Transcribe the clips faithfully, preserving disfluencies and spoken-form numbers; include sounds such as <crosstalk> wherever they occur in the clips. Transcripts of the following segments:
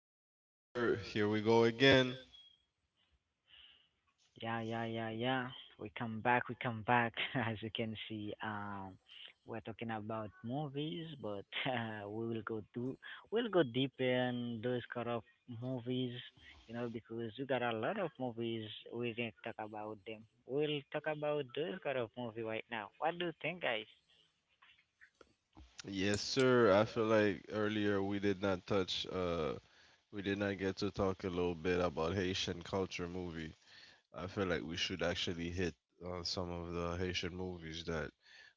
Yes, sir. Here we go again. Yeah, yeah, yeah, yeah. We come back, we come back. <laughs> As you can see, um, we're talking about movies, but <laughs> uh, we will go do we'll go deeper in those kind of movies, you know, because you got a lot of movies. We didn't talk about them. We'll talk about those kind of movie right now. What do you think, guys? Yes, sir. I feel like earlier we did not touch, uh, we did not get to talk a little bit about Haitian culture movie. I feel like we should actually hit on some of the Haitian movies that,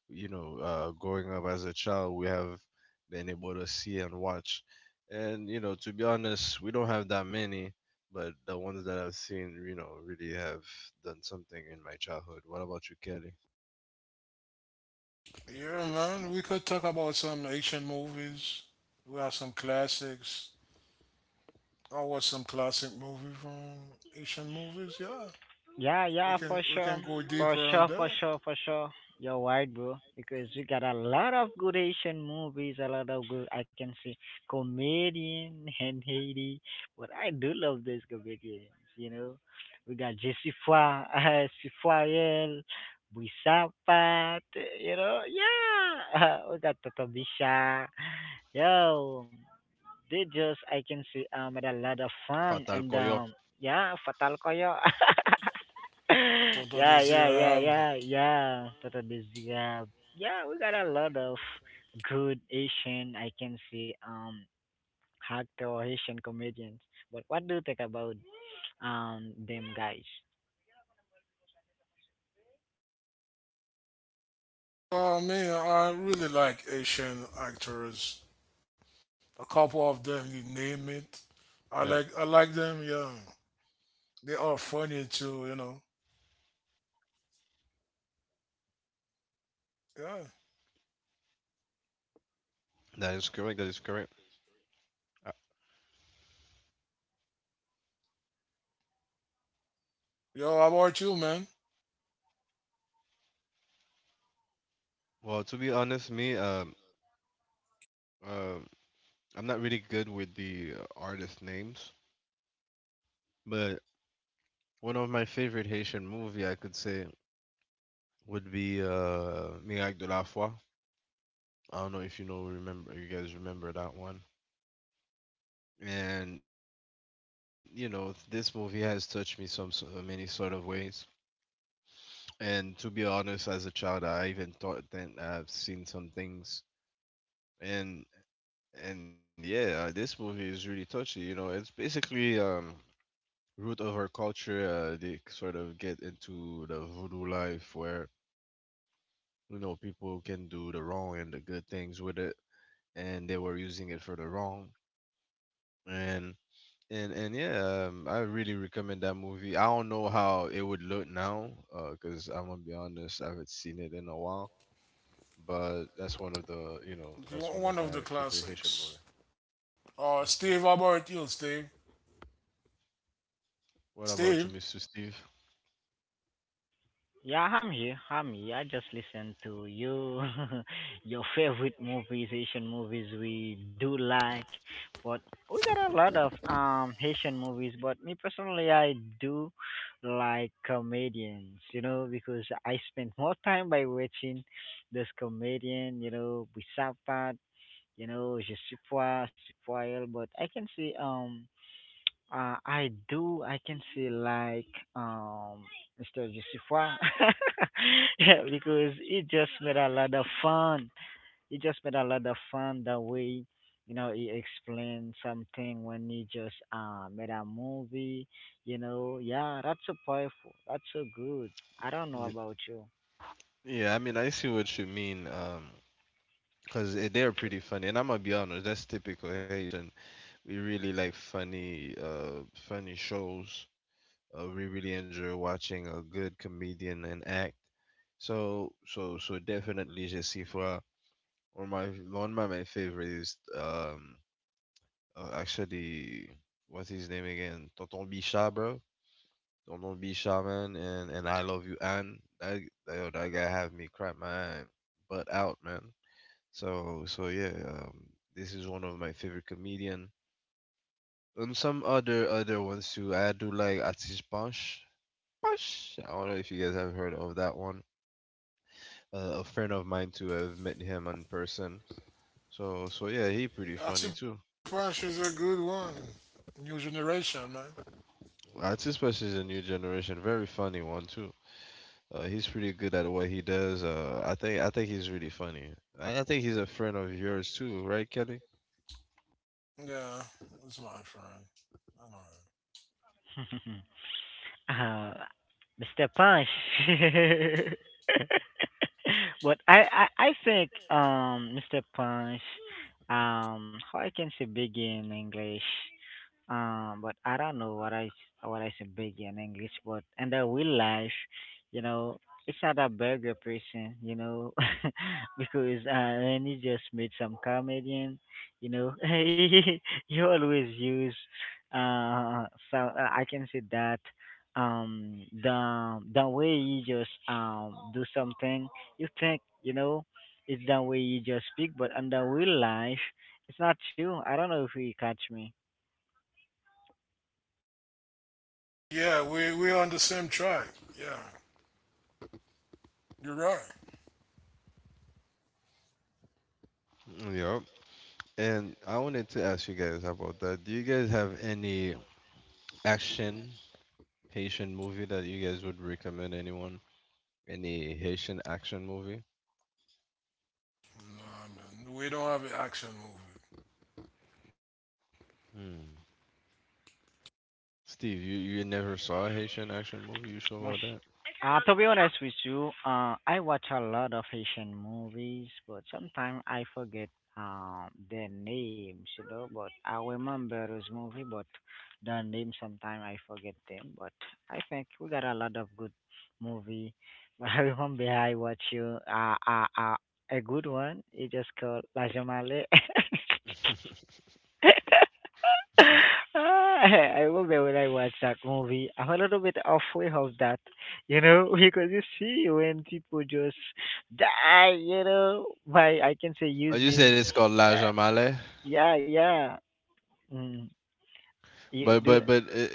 you know, uh, growing up as a child, we have been able to see and watch. And, you know, to be honest, we don't have that many, but the ones that I've seen, you know, really have done something in my childhood. What about you, Kelly? Yeah, man, we could talk about some ancient movies. We have some classics. I watch some classic movies from ancient movies. Yeah, Yeah, we yeah, for can we sure. can go For deeper on sure, for that. sure, for sure. You're right, bro. Because we got a lot of good Asian movies, a lot of good, I can say, comedian <laughs> and Haiti. But I do love these comedians, you know. We got Jesse Foy, <laughs> uh, Sifoyel, Buisapat, you know. Yeah, <laughs> we got Tata Bisha. Yo, they just, I can Fatal say, um, Koyo. had a lot of fun. And, um, yeah, Fatal Koyo. <laughs> Tonton <laughs> yeah, yeah, yeah, Desirable. yeah, yeah. Totally. Yeah, yeah. We got a lot of good Asian. I can see um actor Asian comedians. But what do you think about um them guys? Oh man, I really like Asian actors. A couple of That them, you name it. I like I like them. Yeah, they are funny too. You know. Yeah. that is correct. That is correct. Uh, Yo, how about you, man? Well, to be honest, me um um I'm not really good with the uh, artist names, but one of my favorite Haitian movie I could say would be uh Miracle de la Foi. I don't know if you know remember you guys remember that one. And you know this movie has touched me some so- uh, many sort of ways. And to be honest, as a child, I even thought that I've seen some things and And yeah, uh, this movie is really touchy. You know, it's basically um root of our culture. Uh, they sort of get into the voodoo life where you know people can do the wrong and the good things with it, and they were using it for the wrong. And and and yeah, um, I really recommend that movie. I don't know how it would look now, uh, because I'm gonna be honest, I haven't seen it in a while. But that's one of the you know that's one of my One of the favorite Haitian movies. classics. Oh, hmm Steve, how about you, Steve? What about Steve, you, mister Steve? Yeah, I'm here. I'm here. I just listen to you, <laughs> your favorite movies, Asian movies we do like. But we got a lot of um Haitian movies. But me personally, I do like comedians. You know, because I spend more time by watching this comedian. You know, Bisapat. You know, Je suis Poil, but I can see um uh, I do. I can say like um mister Josephua. <laughs> yeah, because it just made a lot of fun. It just made a lot of fun the way you know he explained something when he just uh made a movie. You know, yeah, that's so powerful. That's so good. I don't know about you. Yeah, I mean, I see what you mean, um, 'cause eh, they're pretty funny, and I'm gonna be honest, that's typical Haitian. We really like funny, uh, funny shows. Uh, we really enjoy watching a good comedian and act. So, so, so definitely, Je suis froid. One of my One of my favorite is um, uh, actually, what's his name again? Tonton Bichard, bro. Tonton Bichard, man, and and I love you, Anne. That that, that guy have me crap my eye, butt out, man. So so yeah, um, this is one of my favorite comedian. And some other other ones too. I do like Atis Panch. Panch. I don't know if you guys have heard of that one. Uh, a friend of mine too. I've met him in person. So so yeah, he pretty funny too. that's Acupressure is a good one. New generation, man. Atis Panch is a new generation, very funny one too. Uh, he's pretty good at what he does. Uh, I think I think he's really funny. And I think he's a friend of yours too, right, Kelly? Yeah, it's my friend. I'm all <laughs> uh, mister Punch. <laughs> but I, I, I think um mister Punch um how I can say begin English, um, but I don't know what I s- what I say burger in English, but in the real life, you know, it's not a burger person, you know, <laughs> because uh, when you just meet some comedian, you know, <laughs> you always use uh, so uh, I can say that um the the way you just um do something, you think you know, it's the way you just speak, but in the real life, it's not true. I don't know if you catch me. right. Yeah, we we on the same track. Yeah, you're right. Yeah. And I wanted to ask you guys about that. Do you guys have any action Haitian movie that you guys would recommend anyone? Any Haitian action movie? No, man, we don't have an action Hmm. Steve, you, you never saw a Haitian action movie? You sure Well, about sh that? uh, to be honest with you, uh, I watch a lot of Asian movies, but sometimes I forget uh, their names, you know. But I remember those movie, but the name sometimes I forget them. But I think we got a lot of good movie. <laughs> But I remember I watch you uh, uh, uh, a good one. It just called La Jamale. <laughs> <laughs> <laughs> I remember when I watched that movie, I'm a little bit afraid of that, you know, <laughs> because you see when people just die, you know, by I can say Oh, you using, said it's called La Jamale, yeah, yeah, mm, you but do. but but i-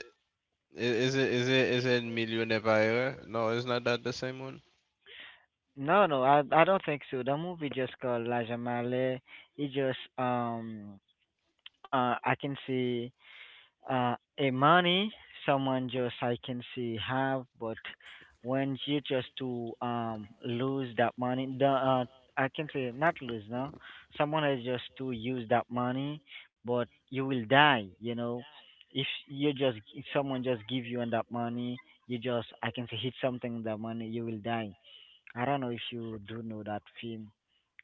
i- is it is it is it Millionaire? Nevera? No, it's not that the same one? No, no, I I don't think so. The movie just called La Jamale. It just um uh I can say Uh, a money, someone just I can see have, but when you just to um lose that money, the, uh, I can say not lose no, someone is just to use that money, but you will die. You know, if you just if someone just give you on that money, you just I can say hit something with that money, you will die. I don't know if you do know that film.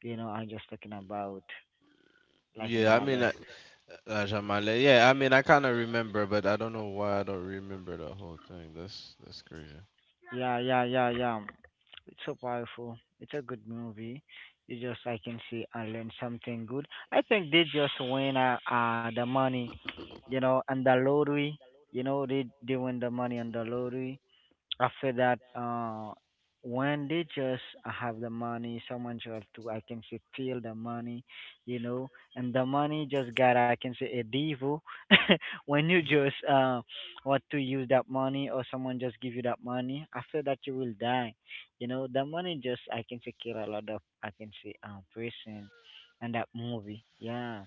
You know, I'm just talking about Yeah, I mean Lajamale. uh, movie. La Jamale. Yeah, I mean I kind of remember, but I don't know why I don't remember the whole thing. That's that's crazy. Yeah, yeah, yeah, yeah. It's so powerful. It's a good movie. You just, I can see, I learned something good. I think they just win uh, uh the money, you know, and the lottery. You know, they they win the money on the lottery. After that, uh, when they just have the money, someone just to I can say steal the money, you know, and the money just got I can say a devil. <laughs> when you Mhm, just uh, want to use that money or someone just give you that money, after that you will die. You know, the money just I can say kill a lot of I can say um person and that movie. Yeah.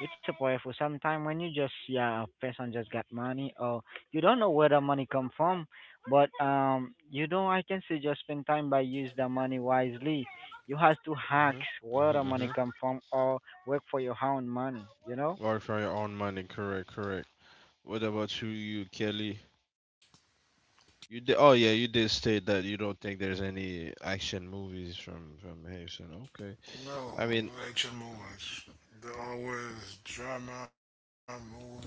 It's a powerful. Sometimes when you just yeah a person just got money or you don't know where the money come from but um, you know, I can suggest spend time by use the money wisely. You have to hack mhm, where the mhm, money mhm. come from or work for your own money. You know. Work for your own money. Correct, correct. What about you, you Kelly? You did. Oh yeah, you did state that you don't think there's any action movies from from Haitian. Okay. I No, mean, no action movies. They're always drama movie.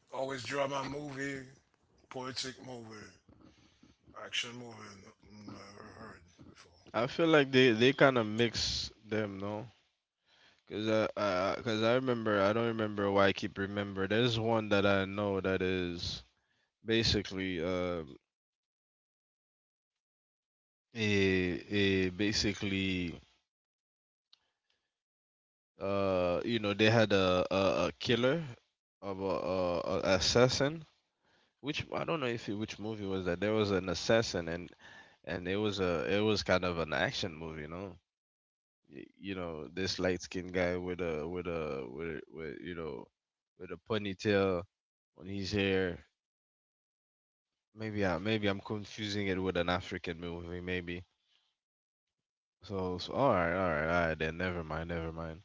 Always drama movie. Poetic movie. Action movie. Never heard I feel before. like they they kind of mix them, no? Cause I, I, I- cause I remember. I don't remember why I keep remember. There's one that I know that is basically um a a basically uh you know they had a a, a killer of a, a, a assassin which I don't know if it, which movie was that. There was an assassin, and and it was a it was kind of an action movie, you know. Y- You know, this light skinned guy with a with a with, a- with you know with a ponytail on his hair. Maybe I maybe I'm confusing it with an African movie, maybe. So, so all right, all right, all right. Then never mind, never mind.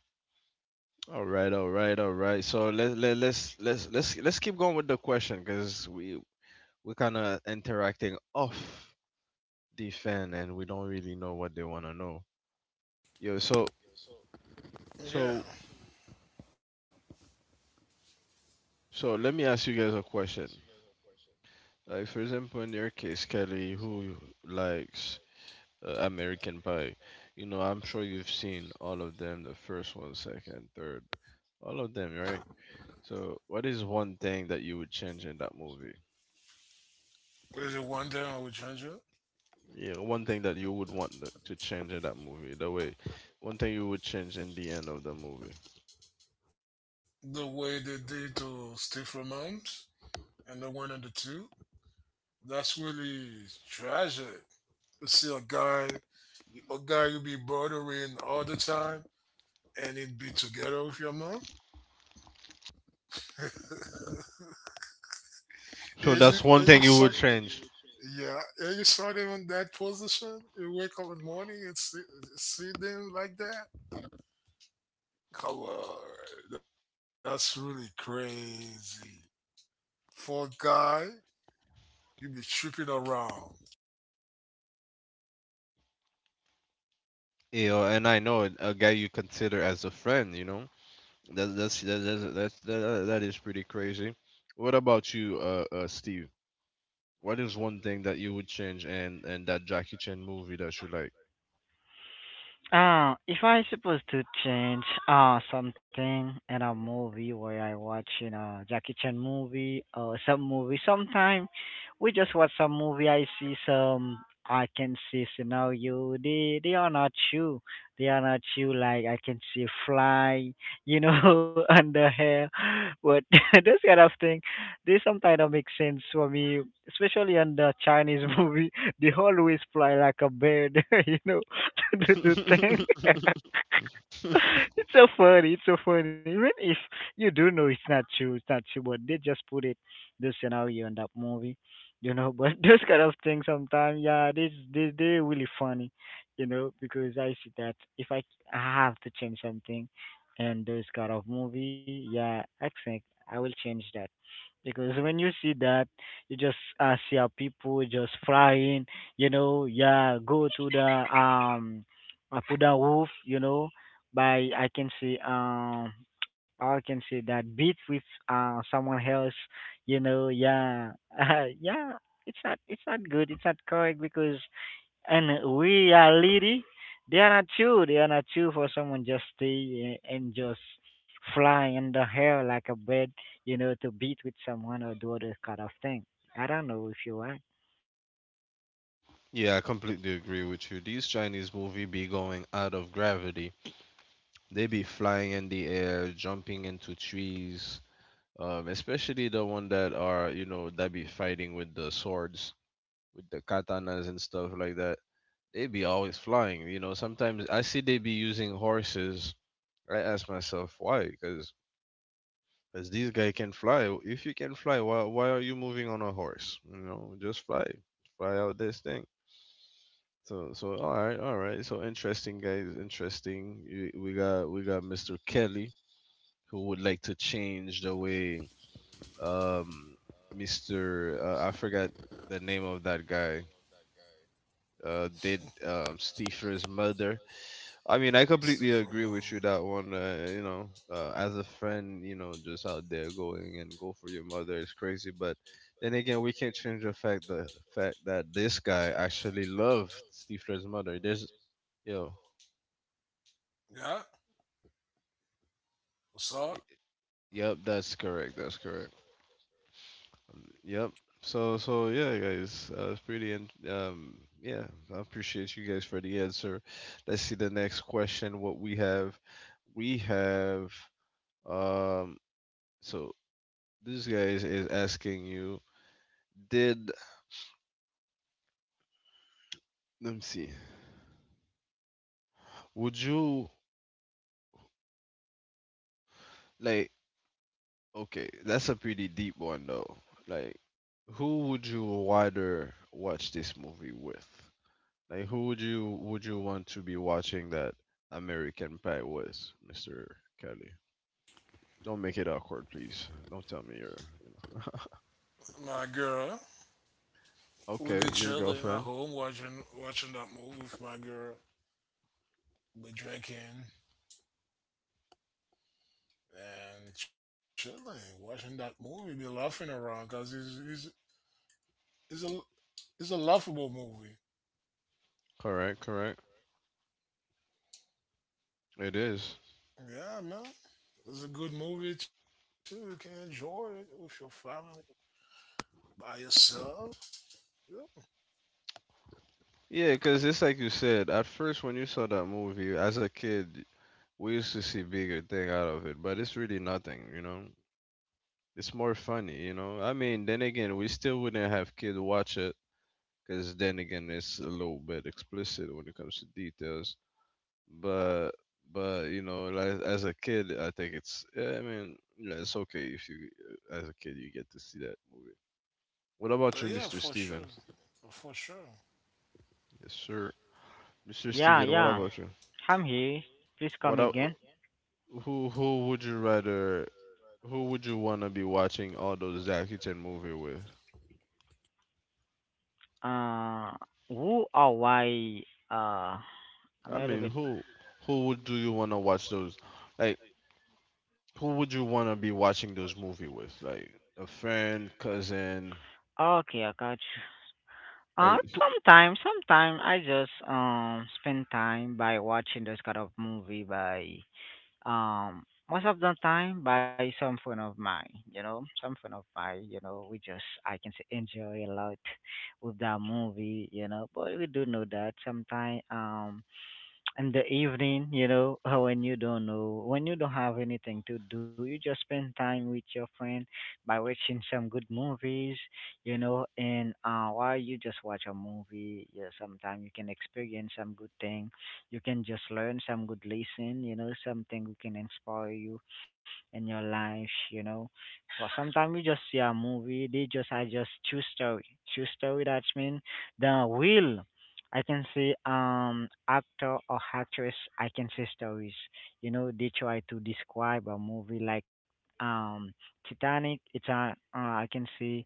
All right, all right, all right. So let let let's let's let's let's keep going with the question because we we're kind of interacting off the fan and we don't really know what they want to know. Yo, so so Yeah. so let me ask you guys a question. Like for example, in your case, Kelly, who likes uh, American Pie, you know, I'm sure you've seen all of them, the first one, second, third, all of them, right? So what is one thing that you would change in that movie? There's a one thing I will change it. Yeah, one thing that you would want th- to change in that movie. The way, one thing you would change in the end of the movie. The way they did to Stephen Moms and the one and the two. That's really tragic. To see a guy a guy you be bothering all the time and it be together with your mom. <laughs> and you So and you that's one saw thing you would change. yeah, and you saw them in that position. You wake up in the morning and see, see them like that. Come on, that's really crazy. For a guy, you be tripping around. You know, and I know it- a guy you consider as a friend, you know. That's that's that, that's that's that, that is pretty crazy. What about you, uh, uh, Steve? What is one thing that you would change and and that Jackie Chan movie that you like? Uh, if I supposed to change uh something in a movie where I watch, you know, Jackie Chan movie or some movie, sometime we just watch some movie. I see some, I can see scenario. They they are not you. They are not you. Like I can see fly, you know, <laughs> under hair, but <laughs> this kind of thing, they sometimes don't make sense for me, especially on the Chinese <laughs> movie. They always fly like a bird, <laughs> you know <laughs> to do the thing. <laughs> <laughs> it's so funny. It's so funny. Even if you do know it's not true, it's not true, but they just put it the scenario in that movie, you know. But <laughs> those kind of things sometimes, yeah, this they they're really funny, you know, because I see that if I have to change something in those kind of movie, yeah, I think I will change that. Because when you see that, you just uh, see how people just flying, you know, yeah, go to the, um, up to the roof, you know, by I can see um, <tsk> I can see that beat with uh someone else, you know, yeah, <laughs> yeah, it's not it's not good, it's not correct because and we are reality, they are not true. They are not true for someone just stay uh, and just fly in the hair like a bird, you know, to beat with someone or do other kind of thing. I don't know if you are. Yeah, I completely agree with you. These Chinese movie be going out of gravity. They be flying in the air, jumping into trees. Um, especially the one that are you know that be fighting with the swords. With the katanas and stuff like that. They be always flying. You know, sometimes I see they be using horses. I ask myself why, because as these guy can fly. If you can fly, why why are you moving on a horse? You know, just fly, fly out this thing. So so all right, all right. So interesting, guys. Interesting. Y- We got we got mister Kelly who would like to change the way um mister Uh, I forgot the name of that guy. Uh, did um, Steefer's mother. I mean, I completely Stay agree for a with you moment. that one. Uh, you know, uh, as a friend, you know, just out there going and go for your mother is crazy. But then again, we can't change the fact the fact that this guy actually loved Steefer's mother. There's yo, uh, Yeah. y- What's up, yep, that's correct. That's correct. Yep. So so yeah, guys, uh, it's pretty in, um yeah. I appreciate you guys for the answer. Let's see the next question. What we have we have Um, so this guy is, is asking you, did let me see, would you like? Okay, that's a pretty deep one though. Like, who would you rather watch this movie with? Like, who would you would you want to be watching that American Pie with, Mister Kelly? Don't make it awkward, please. Don't tell me you're, you my girl? We know. be Okay, your chilling at girlfriend. home watching watching that movie with my girl. Be drinking and chilling, watching that movie. Be laughing around because it's, it's it's a it's a laughable movie. Correct, correct. It is. Yeah, man. It's a good movie too. You can enjoy it with your family by yourself. Yeah. Yeah, because it's like you said, at first when you saw that movie as a kid, we used to see bigger thing out of it, but it's really nothing, you know. It's more funny, you know. I mean, then again, we still wouldn't have kids watch it, because then again, it's a little bit explicit when it comes to details. But but you know, like, as a kid, I think it's yeah, I mean, yeah, it's okay if you as a kid you get to see that movie. What about you, But mister yeah, for Steven? sure, for sure. Yes, sir. mister Yeah, Steven, what yeah. about you? I'm here. Please What come a- again. who who would you rather who would you want to be watching all those Jackie Chan movie with? Uh, who or why? Uh, I'm I a little mean, bit. who who would do you want to watch those? Like, who would you want to be watching those movie with? Like a friend, cousin, Okay, I got you. Uh, like who? sometimes, sometimes I just um spend time by watching those kind of movie by um most of the time by some friend of mine you know some friend of mine, you know, we just I can say enjoy a lot with that movie, you know, but we do know that sometimes um in the evening, you know, <laughs> when you don't know, when you don't have anything to do, you just spend time with your friend by watching some good movies, you know, and uh, while you just watch a movie, yeah, sometimes you can experience some good thing, you can just learn some good lesson, you know, something who can inspire you in your life, you know. But sometimes we just see a movie, they just I just choose story, choose story. That's mean the will. I can see um actor or actress. I can see stories. You know, they try to describe a movie like um Titanic. It's a, uh, I can see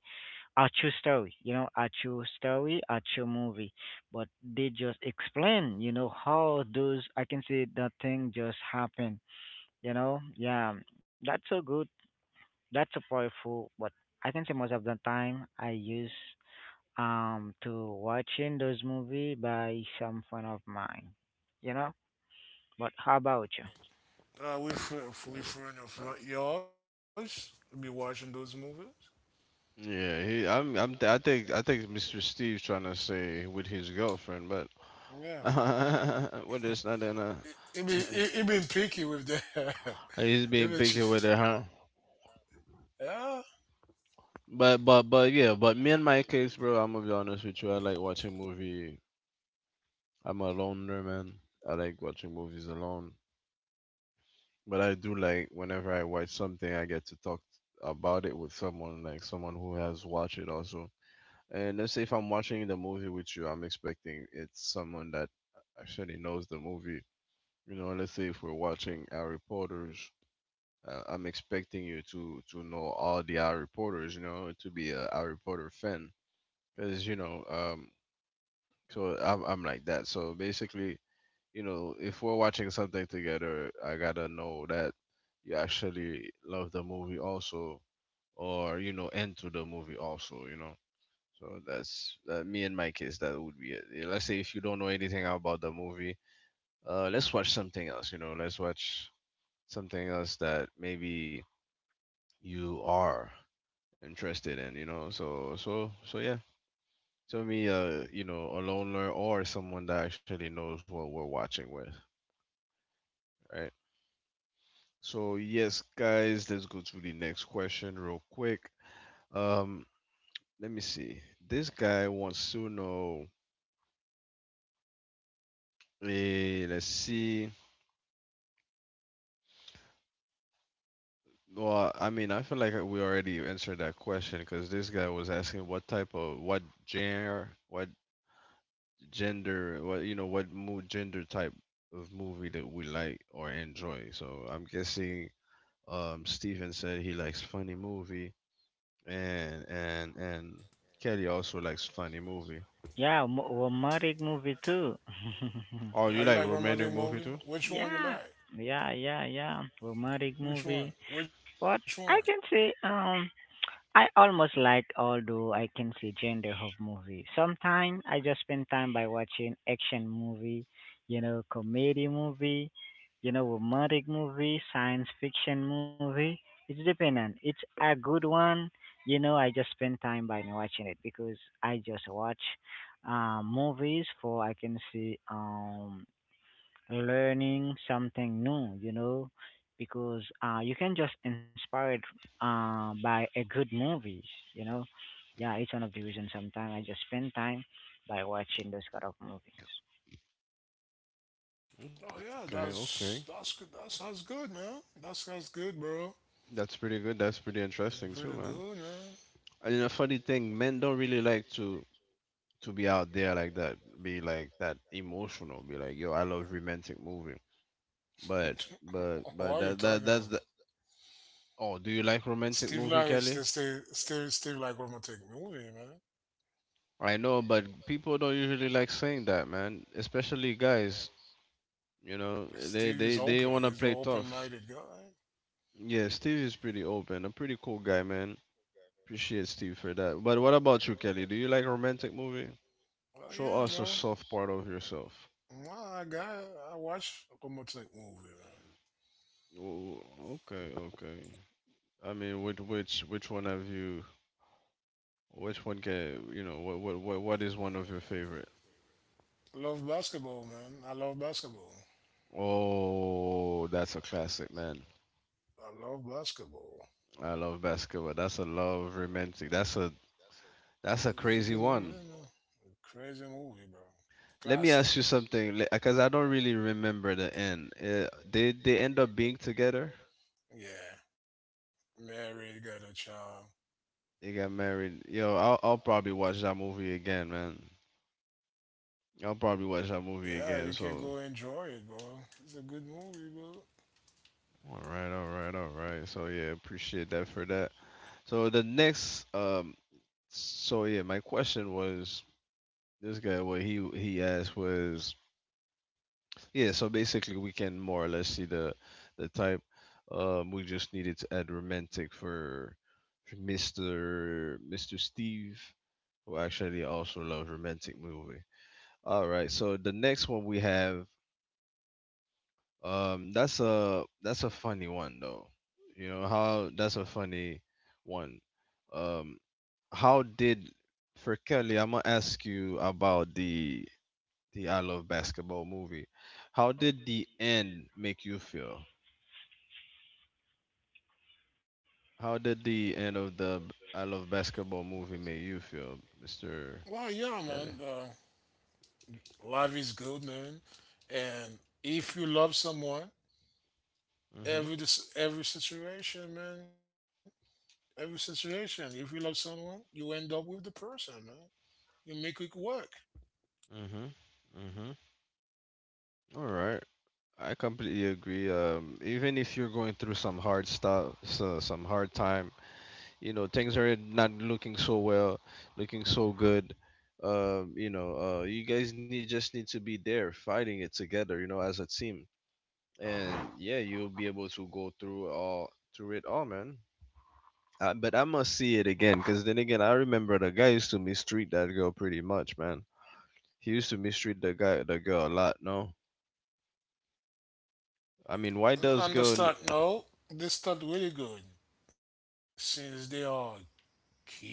a true story. You know, a true story, a true movie. But they just explain. You know how those I can see that thing just happened. You know, yeah, that's so good. That's so powerful. But I can say most of the time I use um to watching those movie by some friend of mine. You know? But how about you? Uh, we friend, we friend of li- yours. We be watching those movies. Yeah, he, I'm I'm I think I think mister Steve's trying to say with his girlfriend, but <laughs> Yeah. well, it's not in a. He, he be uh, he, he been picky with the. He's <laughs> he being been picky with ch- it, huh? yeah. But but but yeah, but me and my case, bro. I'm gonna be honest with you. I like watching movie. I'm a loner, man. I like watching movies alone. But I do like whenever I watch something, I get to talk about it with someone, like someone who has watched it also. And let's say if I'm watching the movie with you, I'm expecting it's someone that actually knows the movie. You know, let's say if we're watching Harry Potter's, uh, I'm expecting you to to know all the Harry Potters. You know, to be a Harry Potter fan, because you know, um, so I'm I'm like that. So basically, you know, if we're watching something together, I gotta know that you actually love the movie also, or you know, into the movie also, you know. So that's that. Me in my case, that would be it. Yeah, let's say if you don't know anything about the movie, uh, let's watch something else. You know, let's watch something else that maybe you are interested in. You know, so so so yeah. So me, uh, you know, a loner or someone that actually knows what we're watching with, right? So yes, guys, let's go to the next question real quick. Um, let me see. This guy wants to know. Eh, let's see. Well, I mean, I feel like we already answered that question because this guy was asking what type of what genre, what gender, what you know, what mo- gender type of movie that we like or enjoy. So I'm guessing, um, Steven said he likes funny movie, and and and Kelly also likes funny movie. Yeah, mo- romantic movie too. Oh, <laughs> you Are like you like one romantic movie too? movie? Which one yeah. you like? Yeah, yeah, yeah. Romantic movie. Which one? But Which I one? can say um I almost like although I can see gender of movie. Sometimes I just spend time by watching action movie, you know, comedy movie, you know, romantic movie, science fiction movie. It's dependent. It's a good one, you know. I just spend time by watching it because I just watch um, movies for I can see um learning something new, you know, because uh, you can just inspired uh, by a good movies, you know. Yeah, it's one of the reasons sometimes I just spend time by watching those kind of movies. Okay, okay. Oh yeah, that's that's good. That's that's good, man. That's that's That's good, pretty good. bro. That's pretty interesting too, man. Pretty good, man. And a funny thing, men don't really like to to be out there like that, be like that emotional, be like, yo, I love romantic movie. But but but that <laughs> that that's What are you the talking about? oh, do you like romantic Steve movie, like stay Kelly? stay Steve Steve like romantic movie, man. I know, but people don't usually like saying that, man. Especially guys, you know, they they they Steve want to is play open. He's an tough. open minded guy. Yeah, Steve is pretty open. A pretty cool guy, man. Appreciate Steve for that. But what about you, Kelly? Do you like romantic movie? Show Oh us a yeah, soft bro. part of yourself. Nah, I got. It. I watch Lokomotiv movie, man. Oh, okay, okay. I mean, which which which one have you? Which one can you know? What what what what is one of your favorite? Love basketball, man. I love basketball. Oh, that's a classic, man. I love basketball. I love basketball. That's a love romantic. That's a that's a It's a good crazy movie, one. man. A crazy movie, bro. Let me ask you Classic. something, because I don't really remember the end. Uh, they they end up being together. Yeah. Married, got a child. They got married. Yo, I'll I'll probably watch that movie again, man. I'll probably watch that movie Yeah, again. you can So, go enjoy it, bro. It's a good movie, bro. all right, all right, all right. So yeah, appreciate that for that. So the next, um, so yeah, my question was this guy. What he he asked was, yeah. So basically, we can more or less see the the type. Um, we just needed to add romantic for, for Mister Mister Steve, who actually also loves romantic movie. All right. So the next one we have, um, that's a that's a funny one though. You know how that's a funny one. Um, how did for Kelly? I'm gonna ask you about the the I Love Basketball movie. How did the end make you feel? How did the end of the b- I Love Basketball movie make you feel, Well, mister yeah, man. Kelly? Uh, life is good, man. And if you love someone, Mhm. every dis- every situation, man. Every situation. If you love someone, you end up with the person, man. You make it work. Mhm. Mhm. All right. I completely agree. Um, even if you're going through some hard stuff, so, some hard time, you know, things are not looking so well, looking so good. Um, you know, uh, you guys need just need to be there, fighting it together, you know, as a team. And yeah, you'll be able to go through all through it all, man. Uh, but I must see it again, because then again, I remember the guy used to mistreat that girl pretty much, man. He used to mistreat the guy, the girl a lot. No, I mean, why And does girl? understand? No, they start really good since they are kid,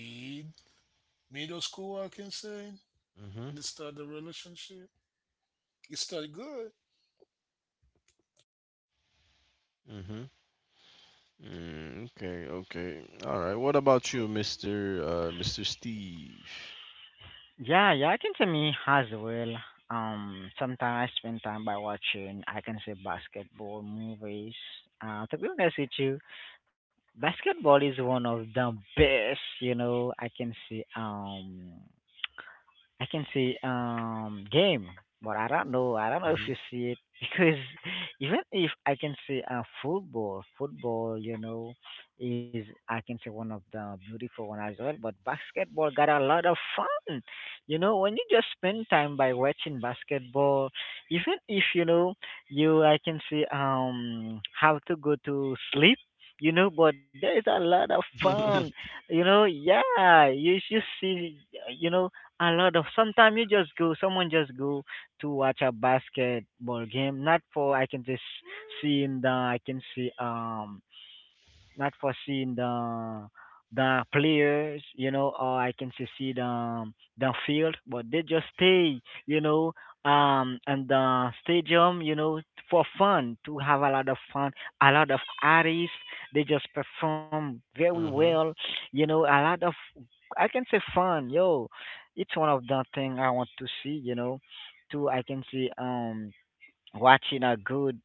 middle school. I can say Mm-hmm. they start the relationship. It start good. Mm-hmm. Mm, okay, okay. All right. What about you, mister uh mister Steve? Yeah, yeah, I can say me as well. Um, sometimes I spend time by watching, I can say basketball movies. Uh, to be honest with you, basketball is one of the best, you know, I can say, um, I can see um game, but I don't know. I Mm-hmm. don't know if you see it <laughs> because even if I can see uh football, football, you know, is I can say one of the beautiful one as well. But basketball got a lot of fun. You know, when you just spend time by watching basketball, even if you know you, I can see um how to go to sleep. You know, but there is a lot of <laughs> fun. You know, yeah, you should see. You know, a lot of sometimes you just go, someone just go to watch a basketball game, not for I can just see in the I can see um not foreseen the the players, you know, or I can say see the the field, but they just stay, you know, um, and the stadium, you know, for fun to have a lot of fun, a lot of artists. They just perform very well, you know, a lot of I can say fun, yo. It's one of the thing I want to see, you know. To I can see um watching a good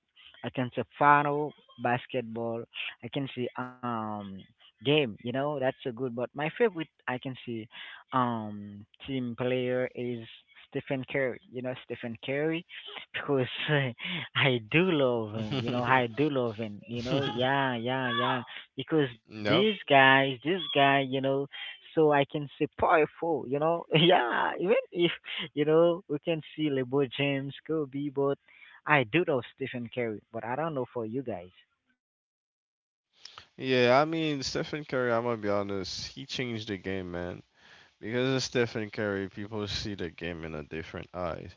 I can say final basketball I can see um game, you know, that's so good, but my favorite I can see um team player is Stephen Curry, you know, Stephen Curry because <laughs> I do love him, you know, Mm-hmm. I do love him, you know, <laughs> yeah, yeah, yeah, because these Nope. guys this guy, you know, so I can say powerful, you know, <laughs> yeah, even if you know, we can see LeBron James, Kobe, but I do know Stephen Curry, but I don't know for you guys. Yeah, I mean Stephen Curry, I'm gonna be honest, he changed the game, man. Because of Stephen Curry, people see the game in a different eye.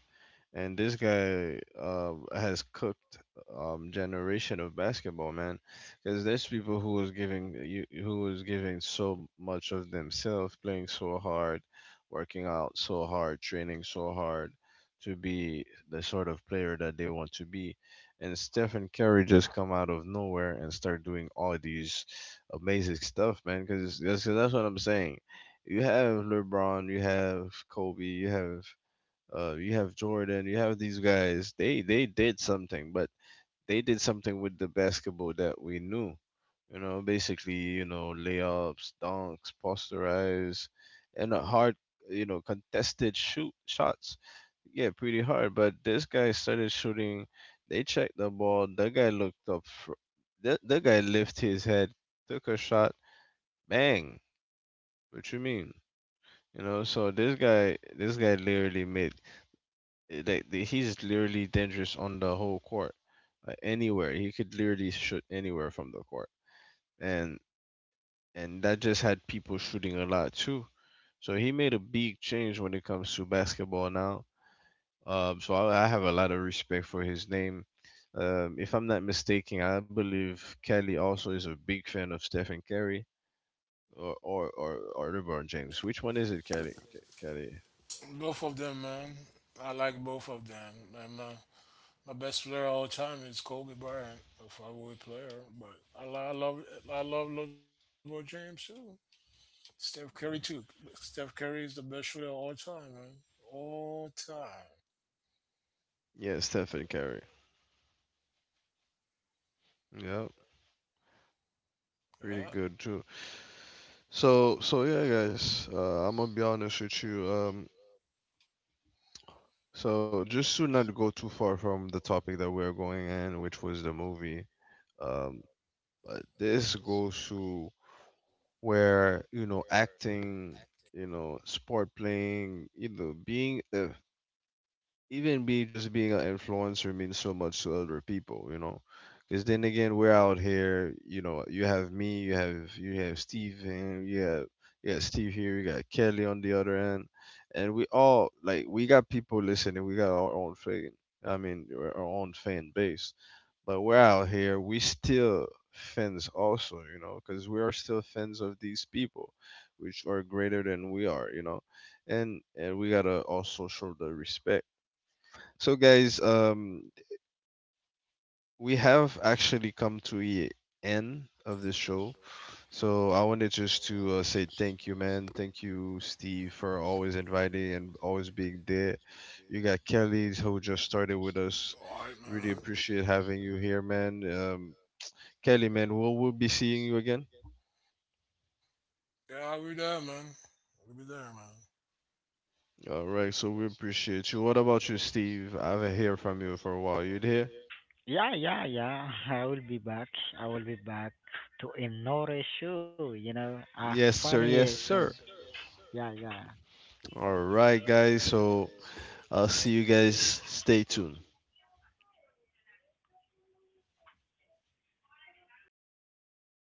And this guy uh, has cooked um, generation of basketball man because there's people who was giving you who was giving so much of themselves, playing so hard, working out so hard, training so hard to be the sort of player that they want to be. And Stephen Curry just come out of nowhere and start doing all these amazing stuff, man. Because that's, 'cause that's what I'm saying. You have LeBron, you have Kobe, you have uh, you have Jordan, you have these guys. They they did something, but they did something with the basketball that we knew. You know, basically, you know, layups, dunks, posterize, and a hard, you know, contested shoot shots. Yeah, pretty hard. But this guy started shooting. They checked the ball. The guy looked up. Fr- the the guy lifted his head, took a shot. Bang! What you mean? You know, so this guy, this guy literally made uh, Like the- he's literally dangerous on the whole court, like anywhere. He could literally shoot anywhere from the court, and and that just had people shooting a lot too. So he made a big change when it comes to basketball now. Um, so I, I have a lot of respect for his name. Um, if I'm not mistaken, I believe Kelly also is a big fan of Stephen Curry or or or, or LeBron James. Which one is it, Kelly? Ke- Kelly? Both of them, man. I like both of them. And my, my best player all time is Kobe Bryant, a five-way player. But I, lo- I love I love LeBron James too. Steph Curry too. Steph Curry is the best shooter of all time, man. All time. Yeah, Stephen Curry. Yep, pretty Yeah. good too. So, so yeah, guys, uh, I'm gonna be honest with you. Um, so just to not go too far from the topic that we are going in, which was the movie, um, but this goes to where, you know, acting, you know, sport playing, you know, being a even be just being an influencer means so much to other people, you know. Because then again, we're out here, you know. You have me, you have you have Steven, you have you got Steve here, you got Kelly on the other end, and we all like we got people listening. We got our own fan, I mean our our own fan base, but we're out here. We still fans also, you know, because we are still fans of these people, which are greater than we are, you know, and and we gotta also show the respect. So, guys, um, we have actually come to the end of this show. So, I wanted just to uh, say thank you, man. Thank you, Steve, for always inviting and always being there. You got Kelly, who just started with us. All right, man. Really appreciate having you here, man. Um, Kelly, man, we'll, we'll be seeing you again. Having Yeah, we there, man. We be there, man. All right, so we appreciate you. What about you, Steve? I haven't heard from you for a while. You there? Yeah, yeah, yeah. I will be back. I will be back to another show, you know. A Yes, sir. funny Yes, one. sir. Yeah, yeah. All right, guys. So I'll see you guys. Stay tuned.